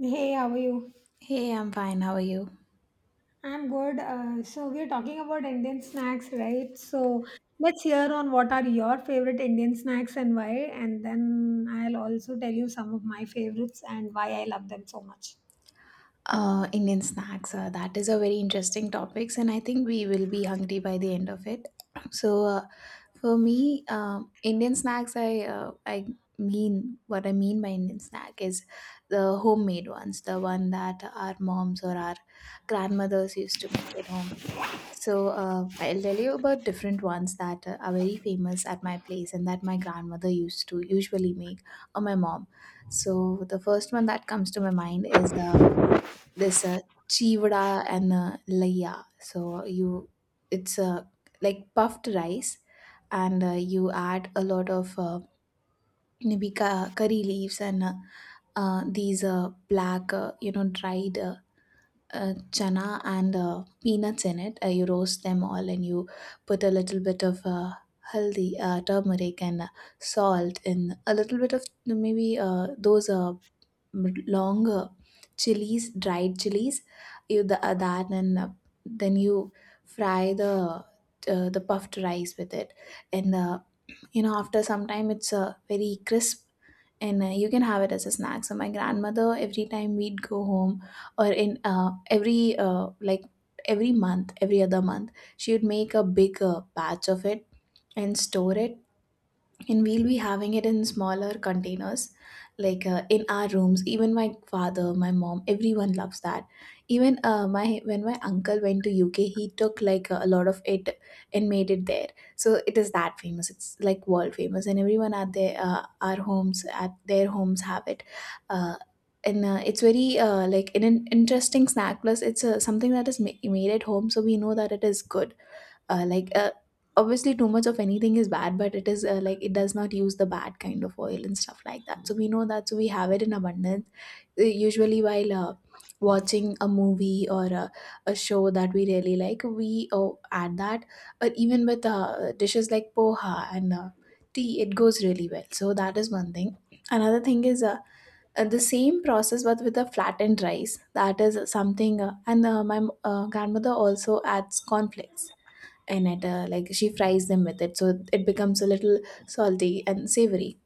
Hey, how are you? Hey, I'm fine. How are you? I'm good. So we're talking about Indian snacks, right? So let's hear on what are your favorite Indian snacks and why, and then I'll also tell you some of my favorites and why I love them so much. Indian snacks. That is a very interesting topics, and I think we will be hungry by the end of it. So, uh, for me, Indian snacks. I mean what I mean by Indian snack is the homemade ones, the one that our moms or our grandmothers used to make at home. So I'll tell you about different ones that are very famous at my place and that my grandmother used to usually make or my mom. So the first one that comes to my mind is this chivda and laya. So you, it's Like puffed rice, and you add a lot of maybe curry leaves and these black dried, chana and peanuts in it. You roast them all and you put a little bit of haldi, turmeric, and salt, and a little bit of maybe those long chilies, dried chilies. That and then you fry the puffed rice with it, and after some time it's very crisp and you can have it as a snack. So my grandmother, every time we'd go home or in every every month, every other month, she would make a big batch of it and store it, and we'll be having it in smaller containers like in our rooms. Even my father, my mom, everyone loves that. Even my when my uncle went to UK, he took like a lot of it and made it there. So it is that famous. It's like world famous, and everyone at their our homes, at their homes, have it. uh, and it's very like an interesting snack, plus it's something that is made at home, so we know that it is good. uh, like uh, Obviously, too much of anything is bad, but it is it does not use the bad kind of oil and stuff like that, so we know that. So we have it in abundance. Usually while watching a movie or a show that we really like, we add that, or even with dishes like poha and tea, it goes really well. So that is one thing. Another thing is the same process but with a flattened rice. That is something, and my grandmother also adds cornflakes in it. She fries them with it, so it becomes a little salty and savory.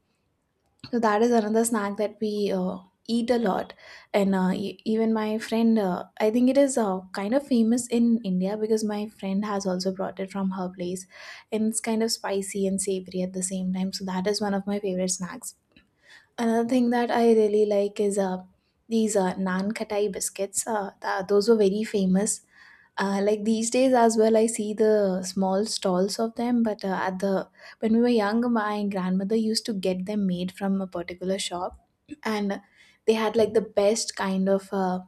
So that is another snack that we eat a lot. And even my friend, I think it is kind of famous in India, because my friend has also brought it from her place, and it's kind of spicy and savory at the same time. So that is one of my favorite snacks. Another thing that I really like is these naan katai biscuits. Those were very famous, these days as well, I see the small stalls of them. But at the when we were young, my grandmother used to get them made from a particular shop, and they had like the best kind of uh,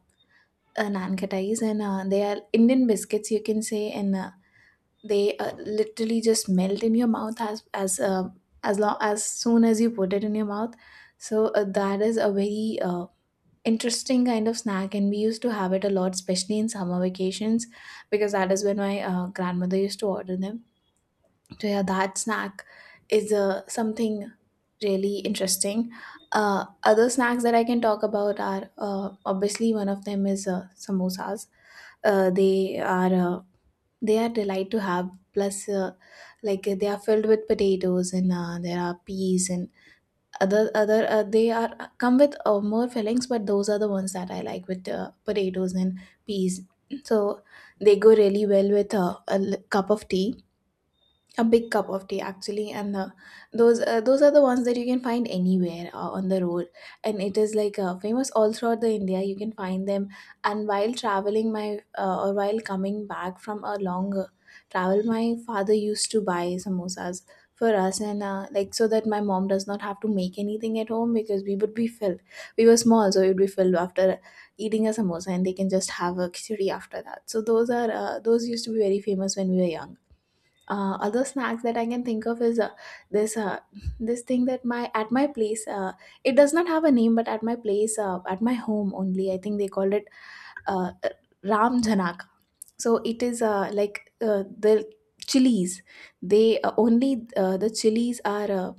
uh, nankattais. And they are Indian biscuits, you can say. And they literally just melt in your mouth as soon as you put it in your mouth. So that is a very interesting kind of snack, and we used to have it a lot, especially in summer vacations, because that is when my grandmother used to order them. So yeah, that snack is something really interesting. Other snacks that I can talk about are, obviously, one of them is samosas. uh, they are uh, they are delight to have. Plus they are filled with potatoes, and there are peas and other they are come with more fillings, but those are the ones that I like, with potatoes and peas. So they go really well with cup of tea, a big cup of tea actually. And those are the ones that you can find anywhere, on the road, and it is like famous all throughout the India. You can find them. And while traveling, my or while coming back from a long travel, my father used to buy samosas for us. And so that my mom does not have to make anything at home, because we would be filled. We were small, so we would be filled after eating a samosa, and they can just have a khichdi after that. So those used to be very famous when we were young. Other snacks that I can think of is this uh, this thing that my at my place, it does not have a name, but at my place, at my home only, I think they called it uh, Ram Janak. So it is the chilies. They Only, the chilies are, uh,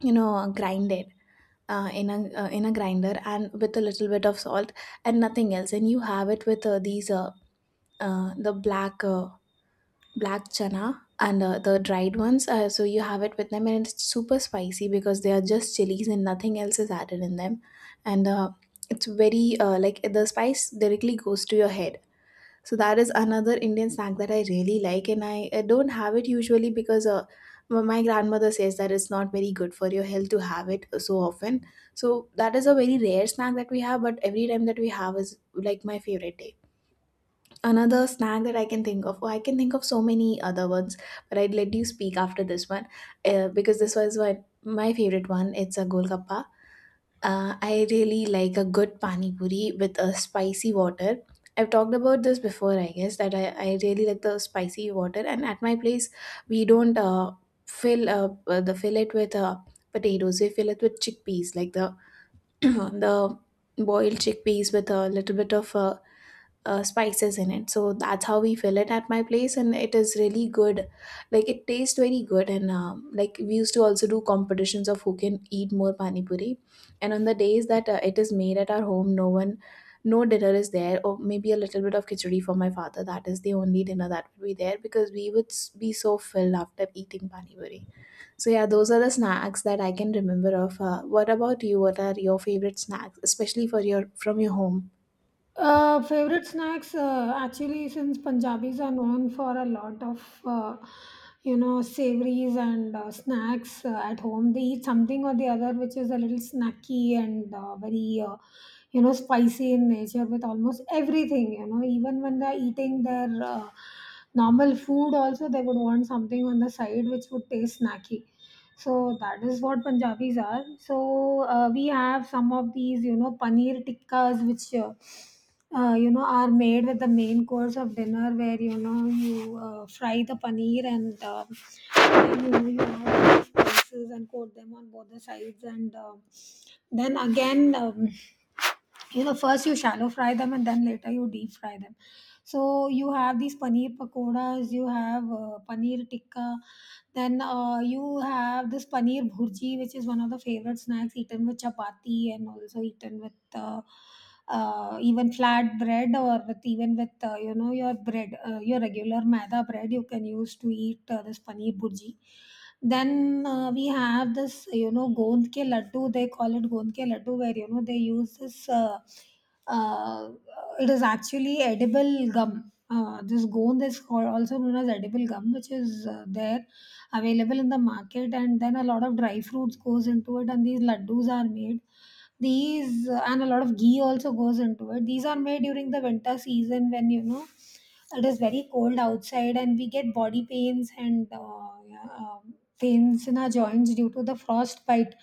you know grinded, in a grinder, and with a little bit of salt and nothing else. And you have it with the black, black chana and the dried ones. So you have it with them, and it's super spicy because they are just chilies and nothing else is added in them. And it's very the spice directly goes to your head. So that is another Indian snack that I really like, and I don't have it usually because my grandmother says that it's not very good for your health to have it so often. So that is a very rare snack that we have, but every time that we have is like my favorite day. Another snack that I can think of, oh, I can think of so many other ones, but I'd let you speak after this one, because this was what my favorite one. It's a golgappa. I really like a good pani puri with a spicy water. I've talked about this before, I guess, that I really like the spicy water. And at my place, we don't fill it with potatoes. We fill it with chickpeas, like the the boiled chickpeas with a little bit of spices in it. So that's how we fill it at my place, and it is really good. Like it tastes very good. And we used to also do competitions of who can eat more pani puri. And on the days that it is made at our home, no dinner is there, or maybe a little bit of khichdi for my father. That is the only dinner that would be there, because we would be so filled after eating pani puri. So yeah, those are the snacks that I can remember of. What about you? What are your favorite snacks, especially for your from your home? Favorite snacks, actually, since Punjabis are known for a lot of, you know, savories and snacks at home, they eat something or the other which is a little snacky and very, you know, spicy in nature with almost everything, you know, even when they're eating their normal food, also they would want something on the side which would taste snacky. So that is what Punjabis are. So we have some of these, you know, paneer tikkas, which you know are made with the main course of dinner where you know you fry the paneer and then you add spices and coat them on both the sides and then again, you know, first you shallow fry them and then later you deep fry them. So you have these paneer pakoras, you have paneer tikka, then you have this paneer bhurji, which is one of the favorite snacks eaten with chapati and also eaten with even flat bread or with even with you know your bread, your regular maida bread. You can use to eat this paneer bhurji. Then we have this, you know, gond ke laddu. They call it gond ke laddu, where you know they use this. Uh, it is actually edible gum. This gond is called, also known as edible gum, which is there available in the market, and then a lot of dry fruits goes into it, and these laddus are made. These, and a lot of ghee also goes into it. These are made during the winter season when you know it is very cold outside, and we get body pains and yeah, pains in our joints due to the frostbite.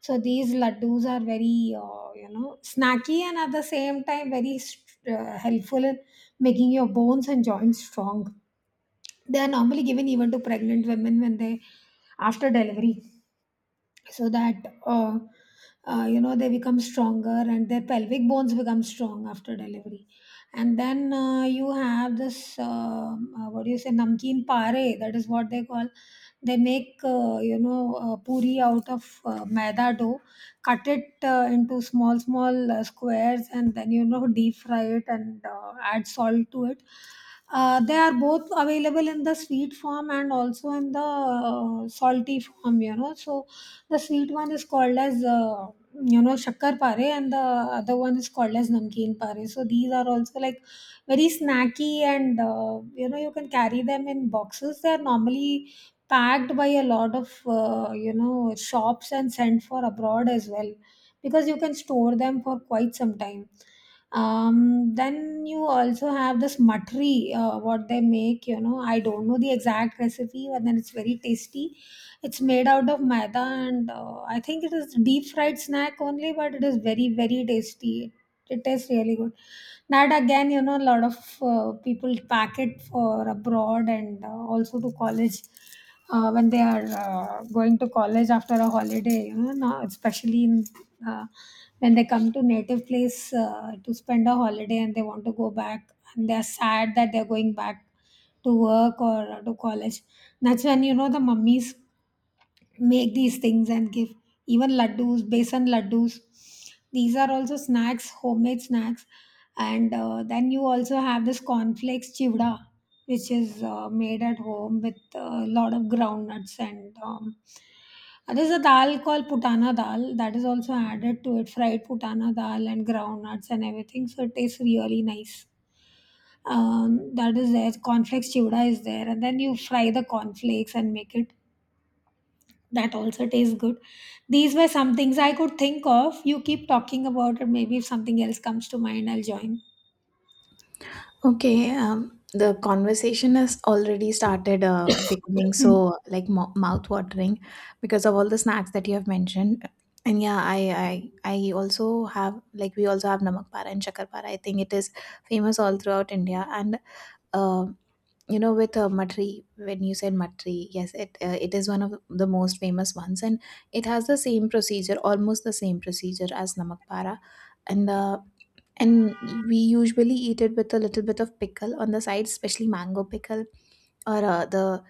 So these laddus are very, you know, snacky and at the same time very helpful in making your bones and joints strong. They are normally given even to pregnant women when they after delivery so that uh, you know they become stronger and their pelvic bones become strong after delivery. And then you have this what do you say, namkeen pare, that is what they call. They make you know puri out of maida dough, cut it into small small squares and then you know deep fry it and add salt to it. They are both available in the sweet form and also in the salty form, you know. So the sweet one is called as you know shakkar pare, and the other one is called as namkeen pare. So these are also like very snacky and you know you can carry them in boxes. They are normally packed by a lot of you know shops and sent for abroad as well, because you can store them for quite some time. Um, then you also have this matri, what they make. You know, I don't know the exact recipe, but then it's very tasty. It's made out of maida, and I think it is deep fried snack only, but it is very very tasty. It tastes really good. That again, you know, a lot of people pack it for abroad and also to college when they are going to college after a holiday. You know, now especially in uh, when they come to native place to spend a holiday and they want to go back, and they are sad that they are going back to work or to college. That's when you know the mummies make these things and give even laddus, besan laddus. These are also snacks, homemade snacks. And then you also have this cornflakes chivda, which is made at home with a lot of groundnuts and there's a dal called putana dal that is also added to it, fried putana dal and groundnuts and everything. So it tastes really nice. That is there. Cornflakes chivda is there, and then you fry the cornflakes and make it, that also tastes good. These were some things I could think of. You keep talking about it. Maybe if something else comes to mind, I'll join. Okay, the conversation has already started becoming Hmm. so like mouth-watering because of all the snacks that you have mentioned. And yeah, I also have, like, we also have namak para and shakar para. I think it is famous all throughout India. And uh, with matri, when you said matri, yes, it is one of the most famous ones, and it has the same procedure, almost the same procedure as namak para, and. Uh, and we usually eat it with a little bit of pickle on the side, especially mango pickle, or the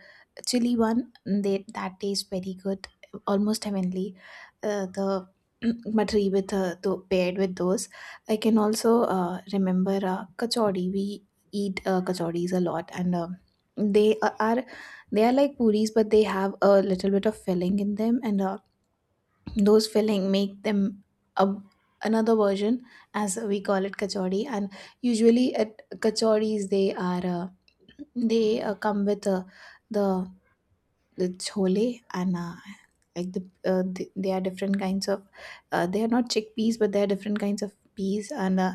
chili one. Mm, that tastes very good, almost heavenly, the matri with the paired with those. I can also remember kachori. We eat kachoris a lot. And they are are- they are like puris, but they have a little bit of filling in them, and those filling make them a, another version, as we call it, kachori. And usually at kachoris, they come with the the chole. And they are different kinds of, they are not chickpeas, but they are different kinds of peas. And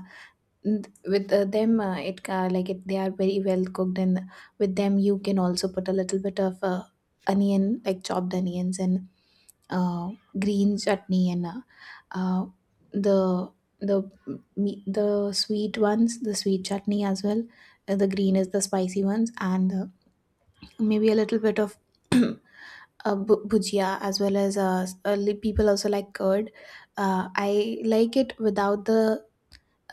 n- with them it like it, they are very well cooked, and with them you can also put a little bit of onion, like chopped onions, and uh, green chutney, and uh, the the the sweet ones, the sweet chutney as well. The green is the spicy ones, and maybe a little bit of uh, bhujia as well as people also like curd. I like it without the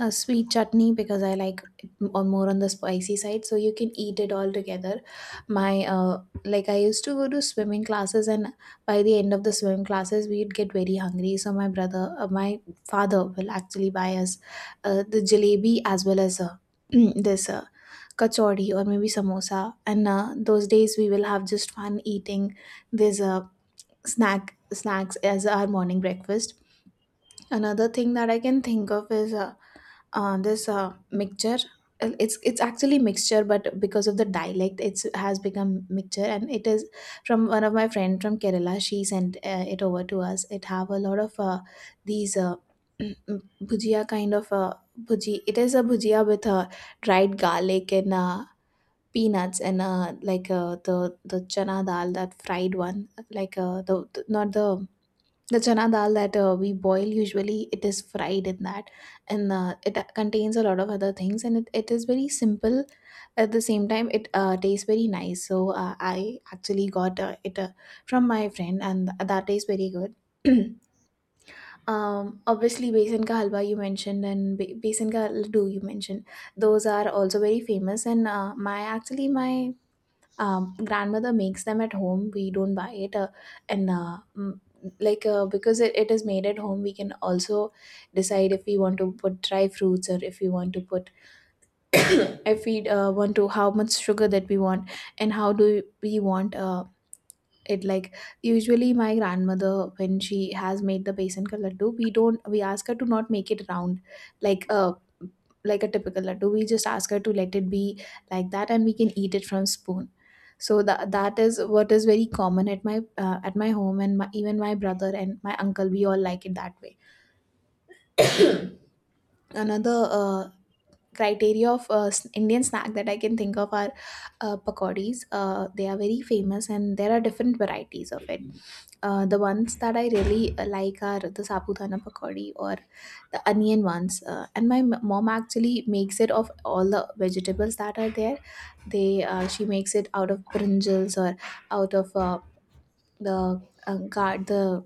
a sweet chutney because I like it m- or more on the spicy side. So you can eat it all together. My like I used to go to swimming classes, and by the end of the swimming classes, we'd get very hungry. So my brother, my father, will actually buy us the jalebi as well as this kachori or maybe samosa. And those days we will have just fun eating this snacks as our morning breakfast. Another thing that I can think of is. This mixture. It's actually mixture, but because of the dialect it has become mixture, and it is from one of my friend from kerala. She sent it over to us. It have a lot of these bhujia kind of bhuji. It is a bhujia with dried garlic and peanuts and the chana dal, that fried one, not the chana dal that we boil usually. It is fried in that, and it contains a lot of other things, and it is very simple. At the same time it tastes very nice. So I actually got it from my friend, and that tastes very good. um Obviously besan ka halwa you mentioned, and besan ka laddu you mentioned. Those are also very famous, and my grandmother makes them at home. We don't buy it, and because it is made at home we can also decide if we want to put dry fruits, or if we want to put, if we want to, how much sugar that we want, and how do we want it. Usually my grandmother, when she has made the besan ka laddu, we ask her to not make it round like a, like a typical laddu. We just ask her to let it be like that, and we can eat it from spoon. So that is what is very common at my, at my home, and even my brother and my uncle, we all like it that way. Another criteria of indian snack that I can think of are pakodis. They are very famous, and there are different varieties of it. The ones that I really like are the sapudana pakodi or the onion ones. And my mom actually makes it of all the vegetables that are there. They She makes it out of brinjals, or out of the guard,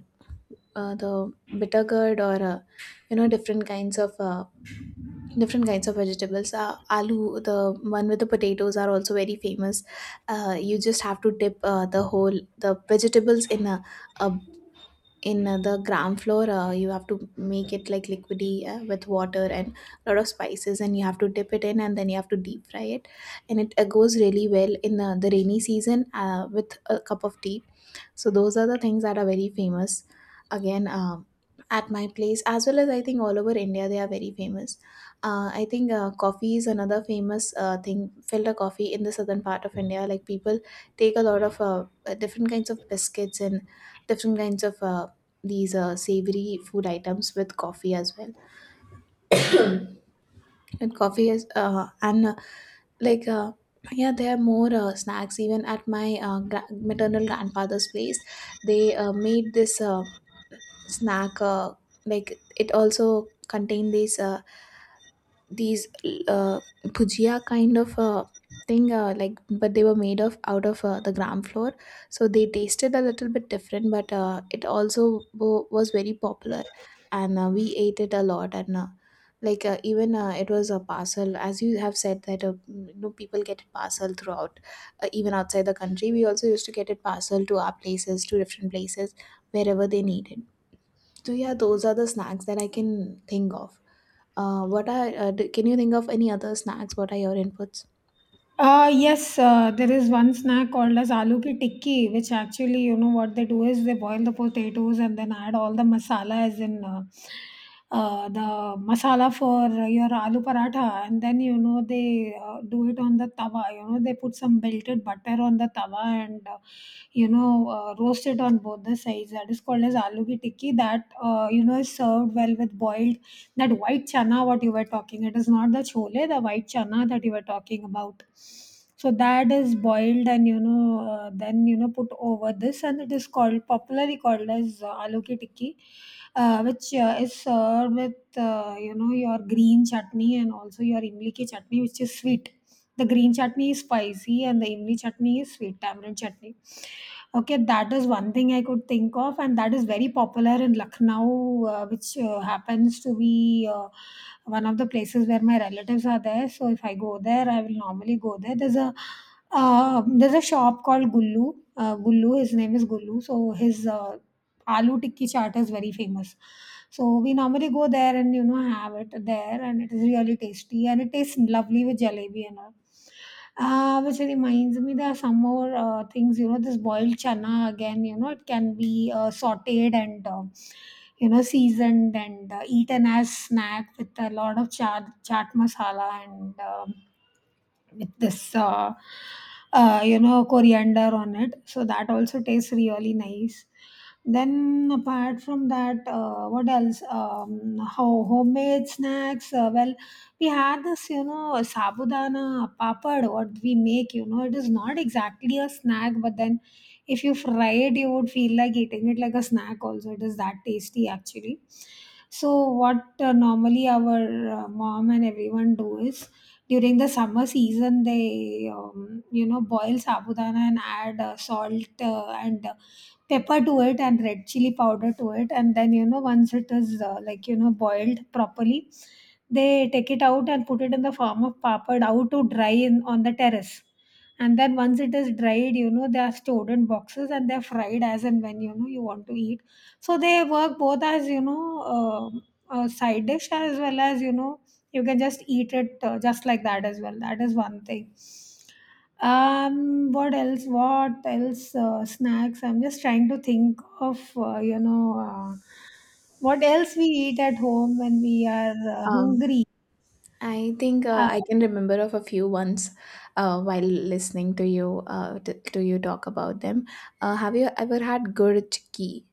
the bitter gourd, or you know, different kinds of vegetables. Aloo, the one with the potatoes, are also very famous. You just have to dip the vegetables in a in the gram flour. You have to make it like liquidy with water and a lot of spices, and you have to dip it in, and then you have to deep fry it. And it goes really well in the rainy season with a cup of tea. So those are the things that are very famous. Again, at my place, as well as I think all over India, they are very famous. I think coffee is another famous thing. Filter coffee in the southern part of India, like people take a lot of different kinds of biscuits and different kinds of these savory food items with coffee as well. And coffee is and like yeah, there are more snacks. Even at my maternal grandfather's place, they made this snack, like it also contain these bhujia kind of thing, like, but they were made of out of the gram flour, so they tasted a little bit different, but it also was very popular. And we ate it a lot, and like even it was a parcel, as you have said that, you know, people get it parcel throughout. Even outside the country, we also used to get it parcel to our places, to different places, wherever they needed. So yeah, those are the snacks that I can think of. What are d can you think of any other snacks? What are your inputs? Yes, there is one snack called as aloo ki tikki, which actually, you know, what they do is they boil the potatoes and then add all the masala, as in the masala for your aloo paratha, and then you know they do it on the tawa. You know, they put some melted butter on the tawa and you know roast it on both the sides. That is called as aloo ki tikki. That you know is served well with boiled, that white chana what you were talking, it is not the chole, the white chana that you were talking about. So that is boiled and you know then you know put over this, and it is called, popularly called as aloo ki tikki, which is served with you know your green chutney and also your imli ki chutney, which is sweet. The green chutney is spicy and the imli chutney is sweet tamarind chutney. Okay, that is one thing I could think of, and that is very popular in Lucknow, which happens to be one of the places where my relatives are there. So if I go there, I will normally go there. There's a shop called Gullu. Gullu, his name is Gullu. So his aloo tikki chaat is very famous. So we normally go there and you know have it there, and it is really tasty and it tastes lovely with jalebi and all. Which reminds me, there are some more things. You know, this boiled chana again. You know, it can be sautéed and you know seasoned and eaten as snack with a lot of chaat masala and with this you know coriander on it, so that also tastes really nice. Then apart from that what else, how homemade snacks, well, we had this you know sabudana papad what we make. You know, it is not exactly a snack, but then if you fry it you would feel like eating it like a snack also, it is that tasty actually. So what normally our mom and everyone do is, during the summer season they you know boil sabudana and add salt and pepper to it and red chili powder to it, and then you know once it is like you know boiled properly, they take it out and put it in the form of papad out to dry in on the terrace, and then once it is dried you know they are stored in boxes and they're fried as and when you know you want to eat. So they work both as you know a side dish as well as you know you can just eat it just like that as well. That is one thing. What else? What else? Snacks. I'm just trying to think of, you know, what else we eat at home when we are Um, hungry. I think Uh, I can remember of a few ones while listening to you, t to you talk about them. Have you ever had gur chikki?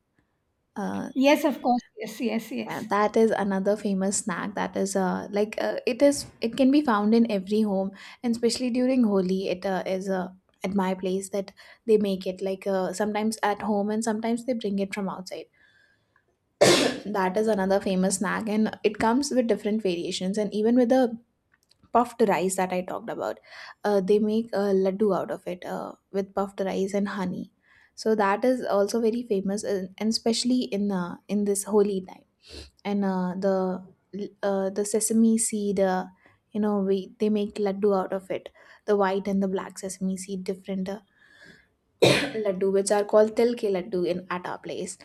Uh, yes, of course. Yes, yes, yeah, yes. that is another famous snack that is it, is it can be found in every home, and especially during Holi it is at my place, that they make it like sometimes at home, and sometimes they bring it from outside. That is another famous snack, and it comes with different variations. And even with the puffed rice that I talked about, they make a laddu out of it with puffed rice and honey. So that is also very famous, and especially in this holy time. And the sesame seed, you know, we they make laddu out of it. The white and the black sesame seed, different laddu, which are called til ke laddu in at our place.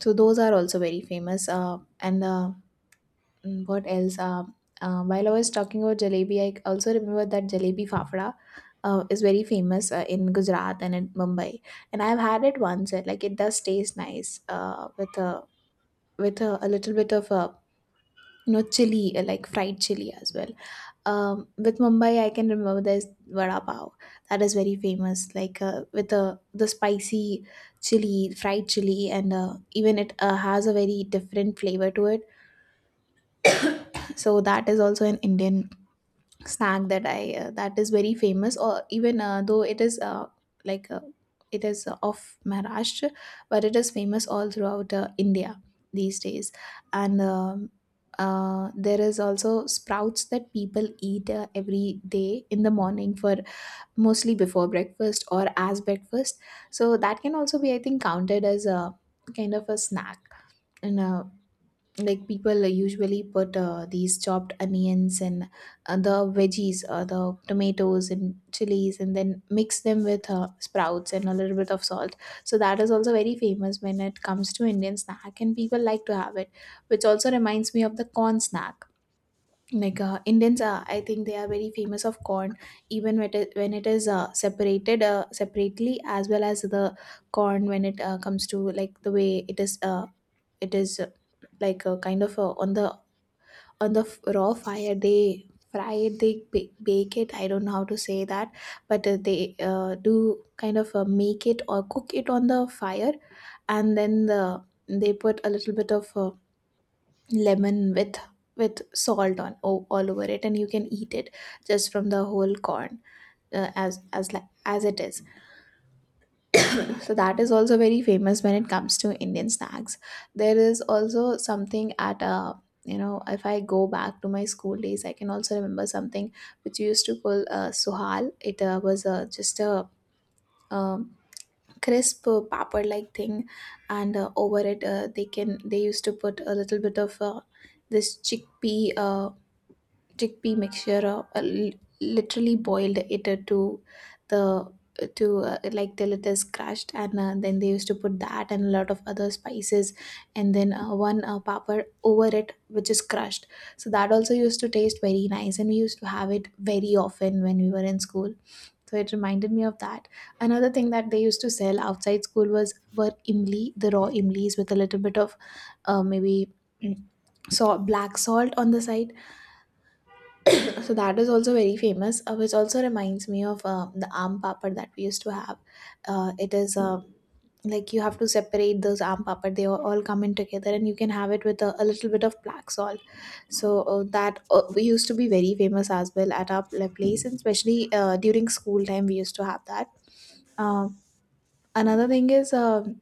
So those are also very famous. And Mm, what else? While I was talking about jalebi, I also remember that jalebi fafda is very famous in Gujarat and in Mumbai. And I've had it once. And, like, it does taste nice with a, with a little bit of a, you know, chili, like fried chili as well. With Mumbai, I can remember there's vada pav that is very famous, like with a, the spicy chili, fried chili, and even it has a very different flavor to it. So that is also an Indian snack that I that is very famous, or even though it is like uh, it is of Maharashtra, but it is famous all throughout India these days. And there is also sprouts that people eat every day in the morning for mostly before breakfast or as breakfast. So that can also be, I think, counted as a kind of a snack. And people usually put these chopped onions and the veggies, the tomatoes and chilies, and then mix them with sprouts and a little bit of salt. So that is also very famous when it comes to indian snack, and people like to have it, which also reminds me of the corn snack. Indians are, I think they are very famous of corn, even when it is separated separately, as well as the corn when it comes to, like, the way it is, like a kind of a, on the, on the raw fire they fry it they ba- bake it. I don't know how to say that, but they do kind of make it or cook it on the fire, and then they put a little bit of lemon with salt all over it, and you can eat it just from the whole corn, as it is. So that is also very famous when it comes to Indian snacks. There is also something at you know, if I go back to my school days, I can also remember something which we used to call suhal. It was just a um, crisp papad-like thing, and over it they used to put a little bit of this chickpea chickpea mixture literally boiled it to the to like till it is crushed, and then they used to put that and a lot of other spices, and then one papad over it which is crushed. So that also used to taste very nice, and we used to have it very often when we were in school. So it reminded me of that. Another thing that they used to sell outside school was, were imli, the raw imlis with a little bit of uh, maybe mm, so black salt on the side. So that is also very famous, which also reminds me of the aam papad that we used to have. It is like you have to separate those aam papad; they all come in together, and you can have it with a little bit of black salt. So that we used to be very famous as well at our place, and especially during school time, we used to have that. Um another thing is.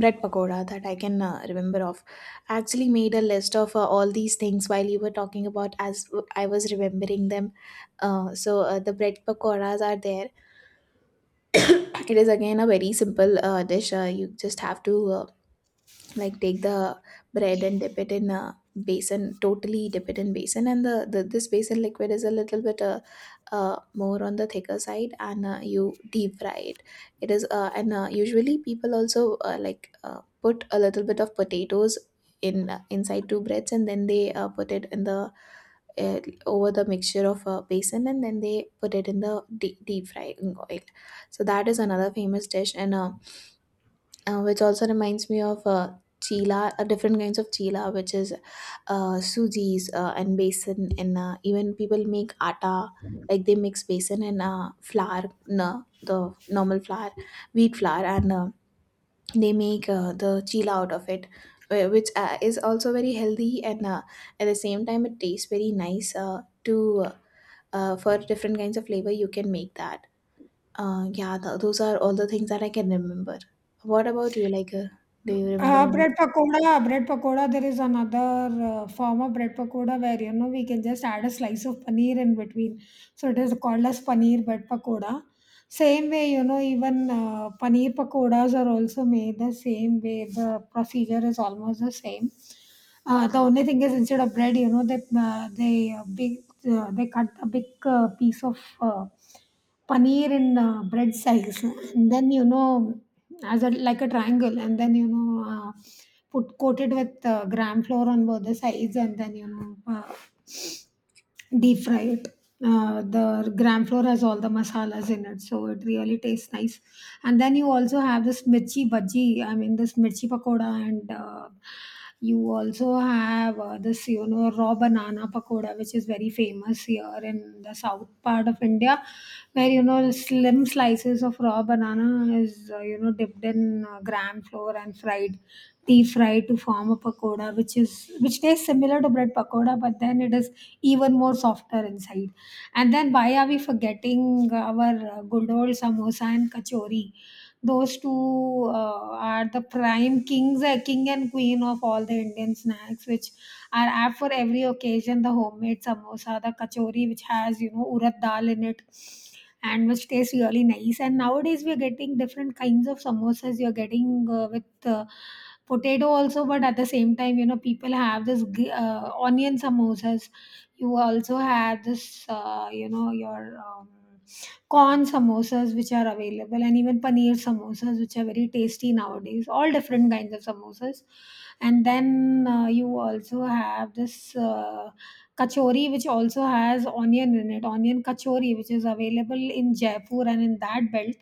Bread pakoda that I can remember of. I actually made a list of all these things while you were talking, about as I was remembering them. The bread pakoras are there. It is again a very simple dish. You just have to like take the bread and dip it in a basin, totally dip it in basin, and the this basin liquid is a little bit more on the thicker side, and you deep fry it. It is and usually people also like put a little bit of potatoes in inside two breads, and then they put it in the over the mixture of basin, and then they put it in the deep frying oil. So that is another famous dish. And which also reminds me of chila, different kinds of chila, which is sujis and besan, and even people make atta, like they mix besan and flour, na, the normal flour, wheat flour, and they make the chila out of it, which is also very healthy, and at the same time, it tastes very nice. To uh, for different kinds of flavor, you can make that. Yeah, th those are all the things that I can remember. What about you? Like, do you remember any? Bread pakoda, bread pakoda. There is another form of bread pakoda where you know we can just add a slice of paneer in between. So it is called as paneer bread pakoda. Same way, you know, even paneer pakodas are also made the same way. The procedure is almost the same. The only thing is instead of bread, you know, they big they cut a big piece of paneer in bread size, and then you know as a like a triangle, and then you know put coated with gram flour on both the sides, and then you know deep fry it. The gram flour has all the masalas in it, so it really tastes nice. And then you also have this mirchi bhaji. I mean, this mirchi pakoda, and you also have this you know raw banana pakoda, which is very famous here in the south part of India, where you know slim slices of raw banana is you know dipped in gram flour and fried, deep fry to form a pakoda, which is which tastes similar to bread pakoda, but then it is even more softer inside. And then why are we forgetting our good old samosa and kachori? Those two are the prime kings, king and queen of all the Indian snacks, which are apt for every occasion. The homemade samosa, the kachori, which has you know urad dal in it and which tastes really nice, and nowadays we are getting different kinds of samosas. You're getting with potato also, but at the same time, you know, people have this onion samosas. You also have this you know your corn samosas which are available, and even paneer samosas which are very tasty. Nowadays all different kinds of samosas, and then you also have this kachori, which also has onion in it, onion kachori, which is available in Jaipur and in that belt,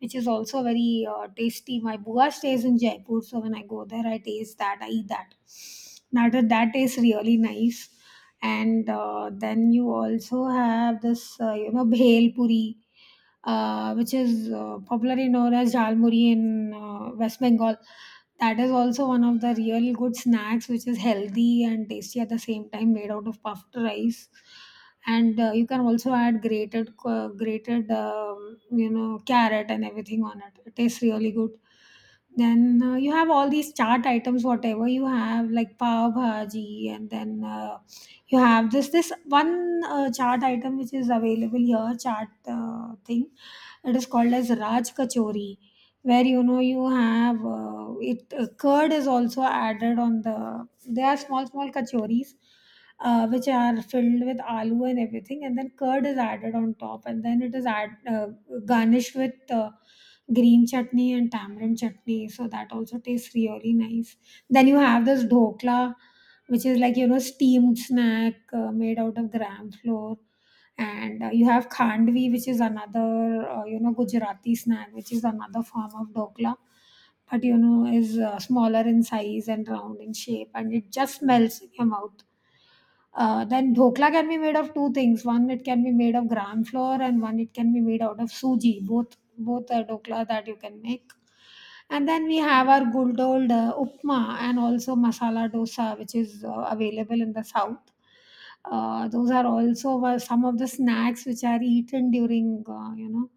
which is also very tasty. My bua stays in Jaipur, so when I go there, I taste that, I eat that. Now that tastes really nice, and then you also have this, bhel puri, which is popularly known as jalmuri in West Bengal. That is also one of the real good snacks, which is healthy and tasty at the same time, made out of puffed rice. And you can also add grated, grated, carrot and everything on it. It tastes really good. Then you have all these chart items, whatever you have, like pav bhaji, and then you have this one chart item which is available here, chart thing. It is called as Raj Kachori, where you know you have it curd is also added on the. There are small small kachoris which are filled with aloo and everything, and then curd is added on top, and then it is add, garnished with green chutney and tamarind chutney. So that also tastes really nice. Then you have this dhokla, which is like you know steamed snack made out of gram flour, and you have khandvi, which is another you know Gujarati snack, which is another form of dhokla, but you know is smaller in size and round in shape, and it just melts in your mouth. Uh, then dhokla can be made of two things. One, it can be made of gram flour, and one, it can be made out of suji. Both are dhokla that you can make. And then we have our good old upma and also masala dosa, which is available in the south. Those are also were some of the snacks which are eaten during uh, you know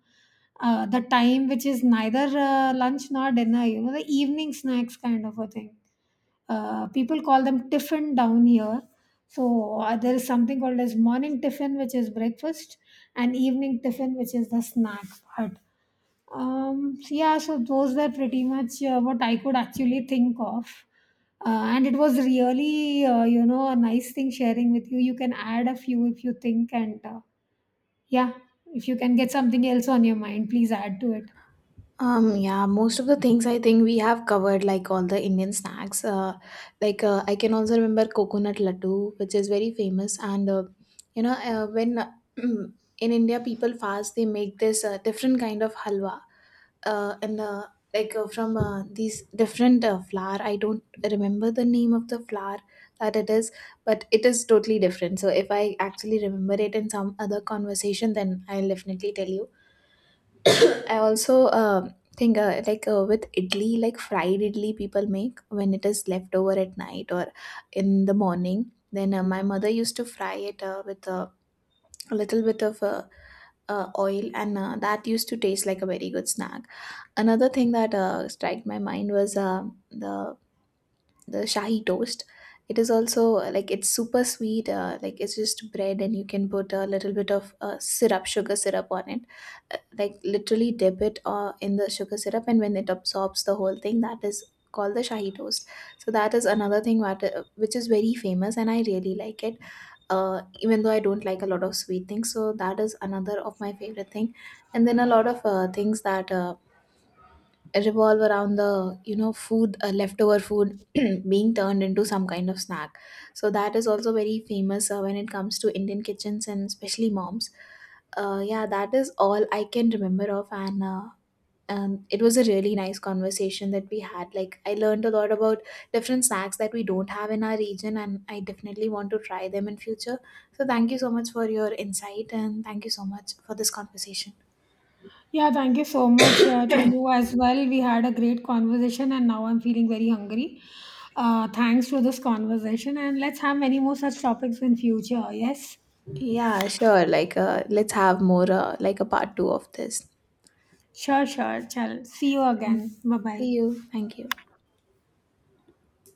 uh, the time which is neither lunch nor dinner. You know, the evening snacks kind of a thing, people call them tiffin down here. So there is something called as morning tiffin, which is breakfast, and evening tiffin, which is the snack part. So yeah, so those were pretty much what I could actually think of. Uh, and it was really, a nice thing sharing with you. You can add a few if you think, and yeah, if you can get something else on your mind, please add to it. Yeah, most of the things I think we have covered, like all the Indian snacks. I can also remember coconut laddu, which is very famous. And you know, when in India people fast, they make this different kind of halwa, and like from these different flour. I don't remember the name of the flour that it is, but it is totally different. So if I actually remember it in some other conversation, then I'll definitely tell you. I also think with idli, like fried idli, people make when it is left over at night or in the morning. Then my mother used to fry it with a little bit of oil, and that used to taste like a very good snack. Another thing that struck my mind was the the shahi toast. It is also like it's super sweet, like it's just bread and you can put a little bit of syrup, sugar syrup on it, like literally dip it in the sugar syrup, and when it absorbs the whole thing, that is called the shahi toast. So that is another thing which is very famous and I really like it. Even though I don't like a lot of sweet things, so that is another of my favorite thing. And then a lot of things that revolve around the, you know, food, leftover food being turned into some kind of snack. So that is also very famous when it comes to Indian kitchens and especially moms. Yeah, that is all I can remember of. And and it was a really nice conversation that we had. Like, I learned a lot about different snacks that we don't have in our region, and I definitely want to try them in future. So thank you so much for your insight, and thank you so much for this conversation. Yeah, thank you so much to you as well. We had a great conversation, and now I'm feeling very hungry. Thanks for this conversation, and let's have many more such topics in future. Yes, Yeah, sure. Like, let's have more, like a part two of this. sure. Chal. See you Thank- again. Bye See bye. you. Thank you.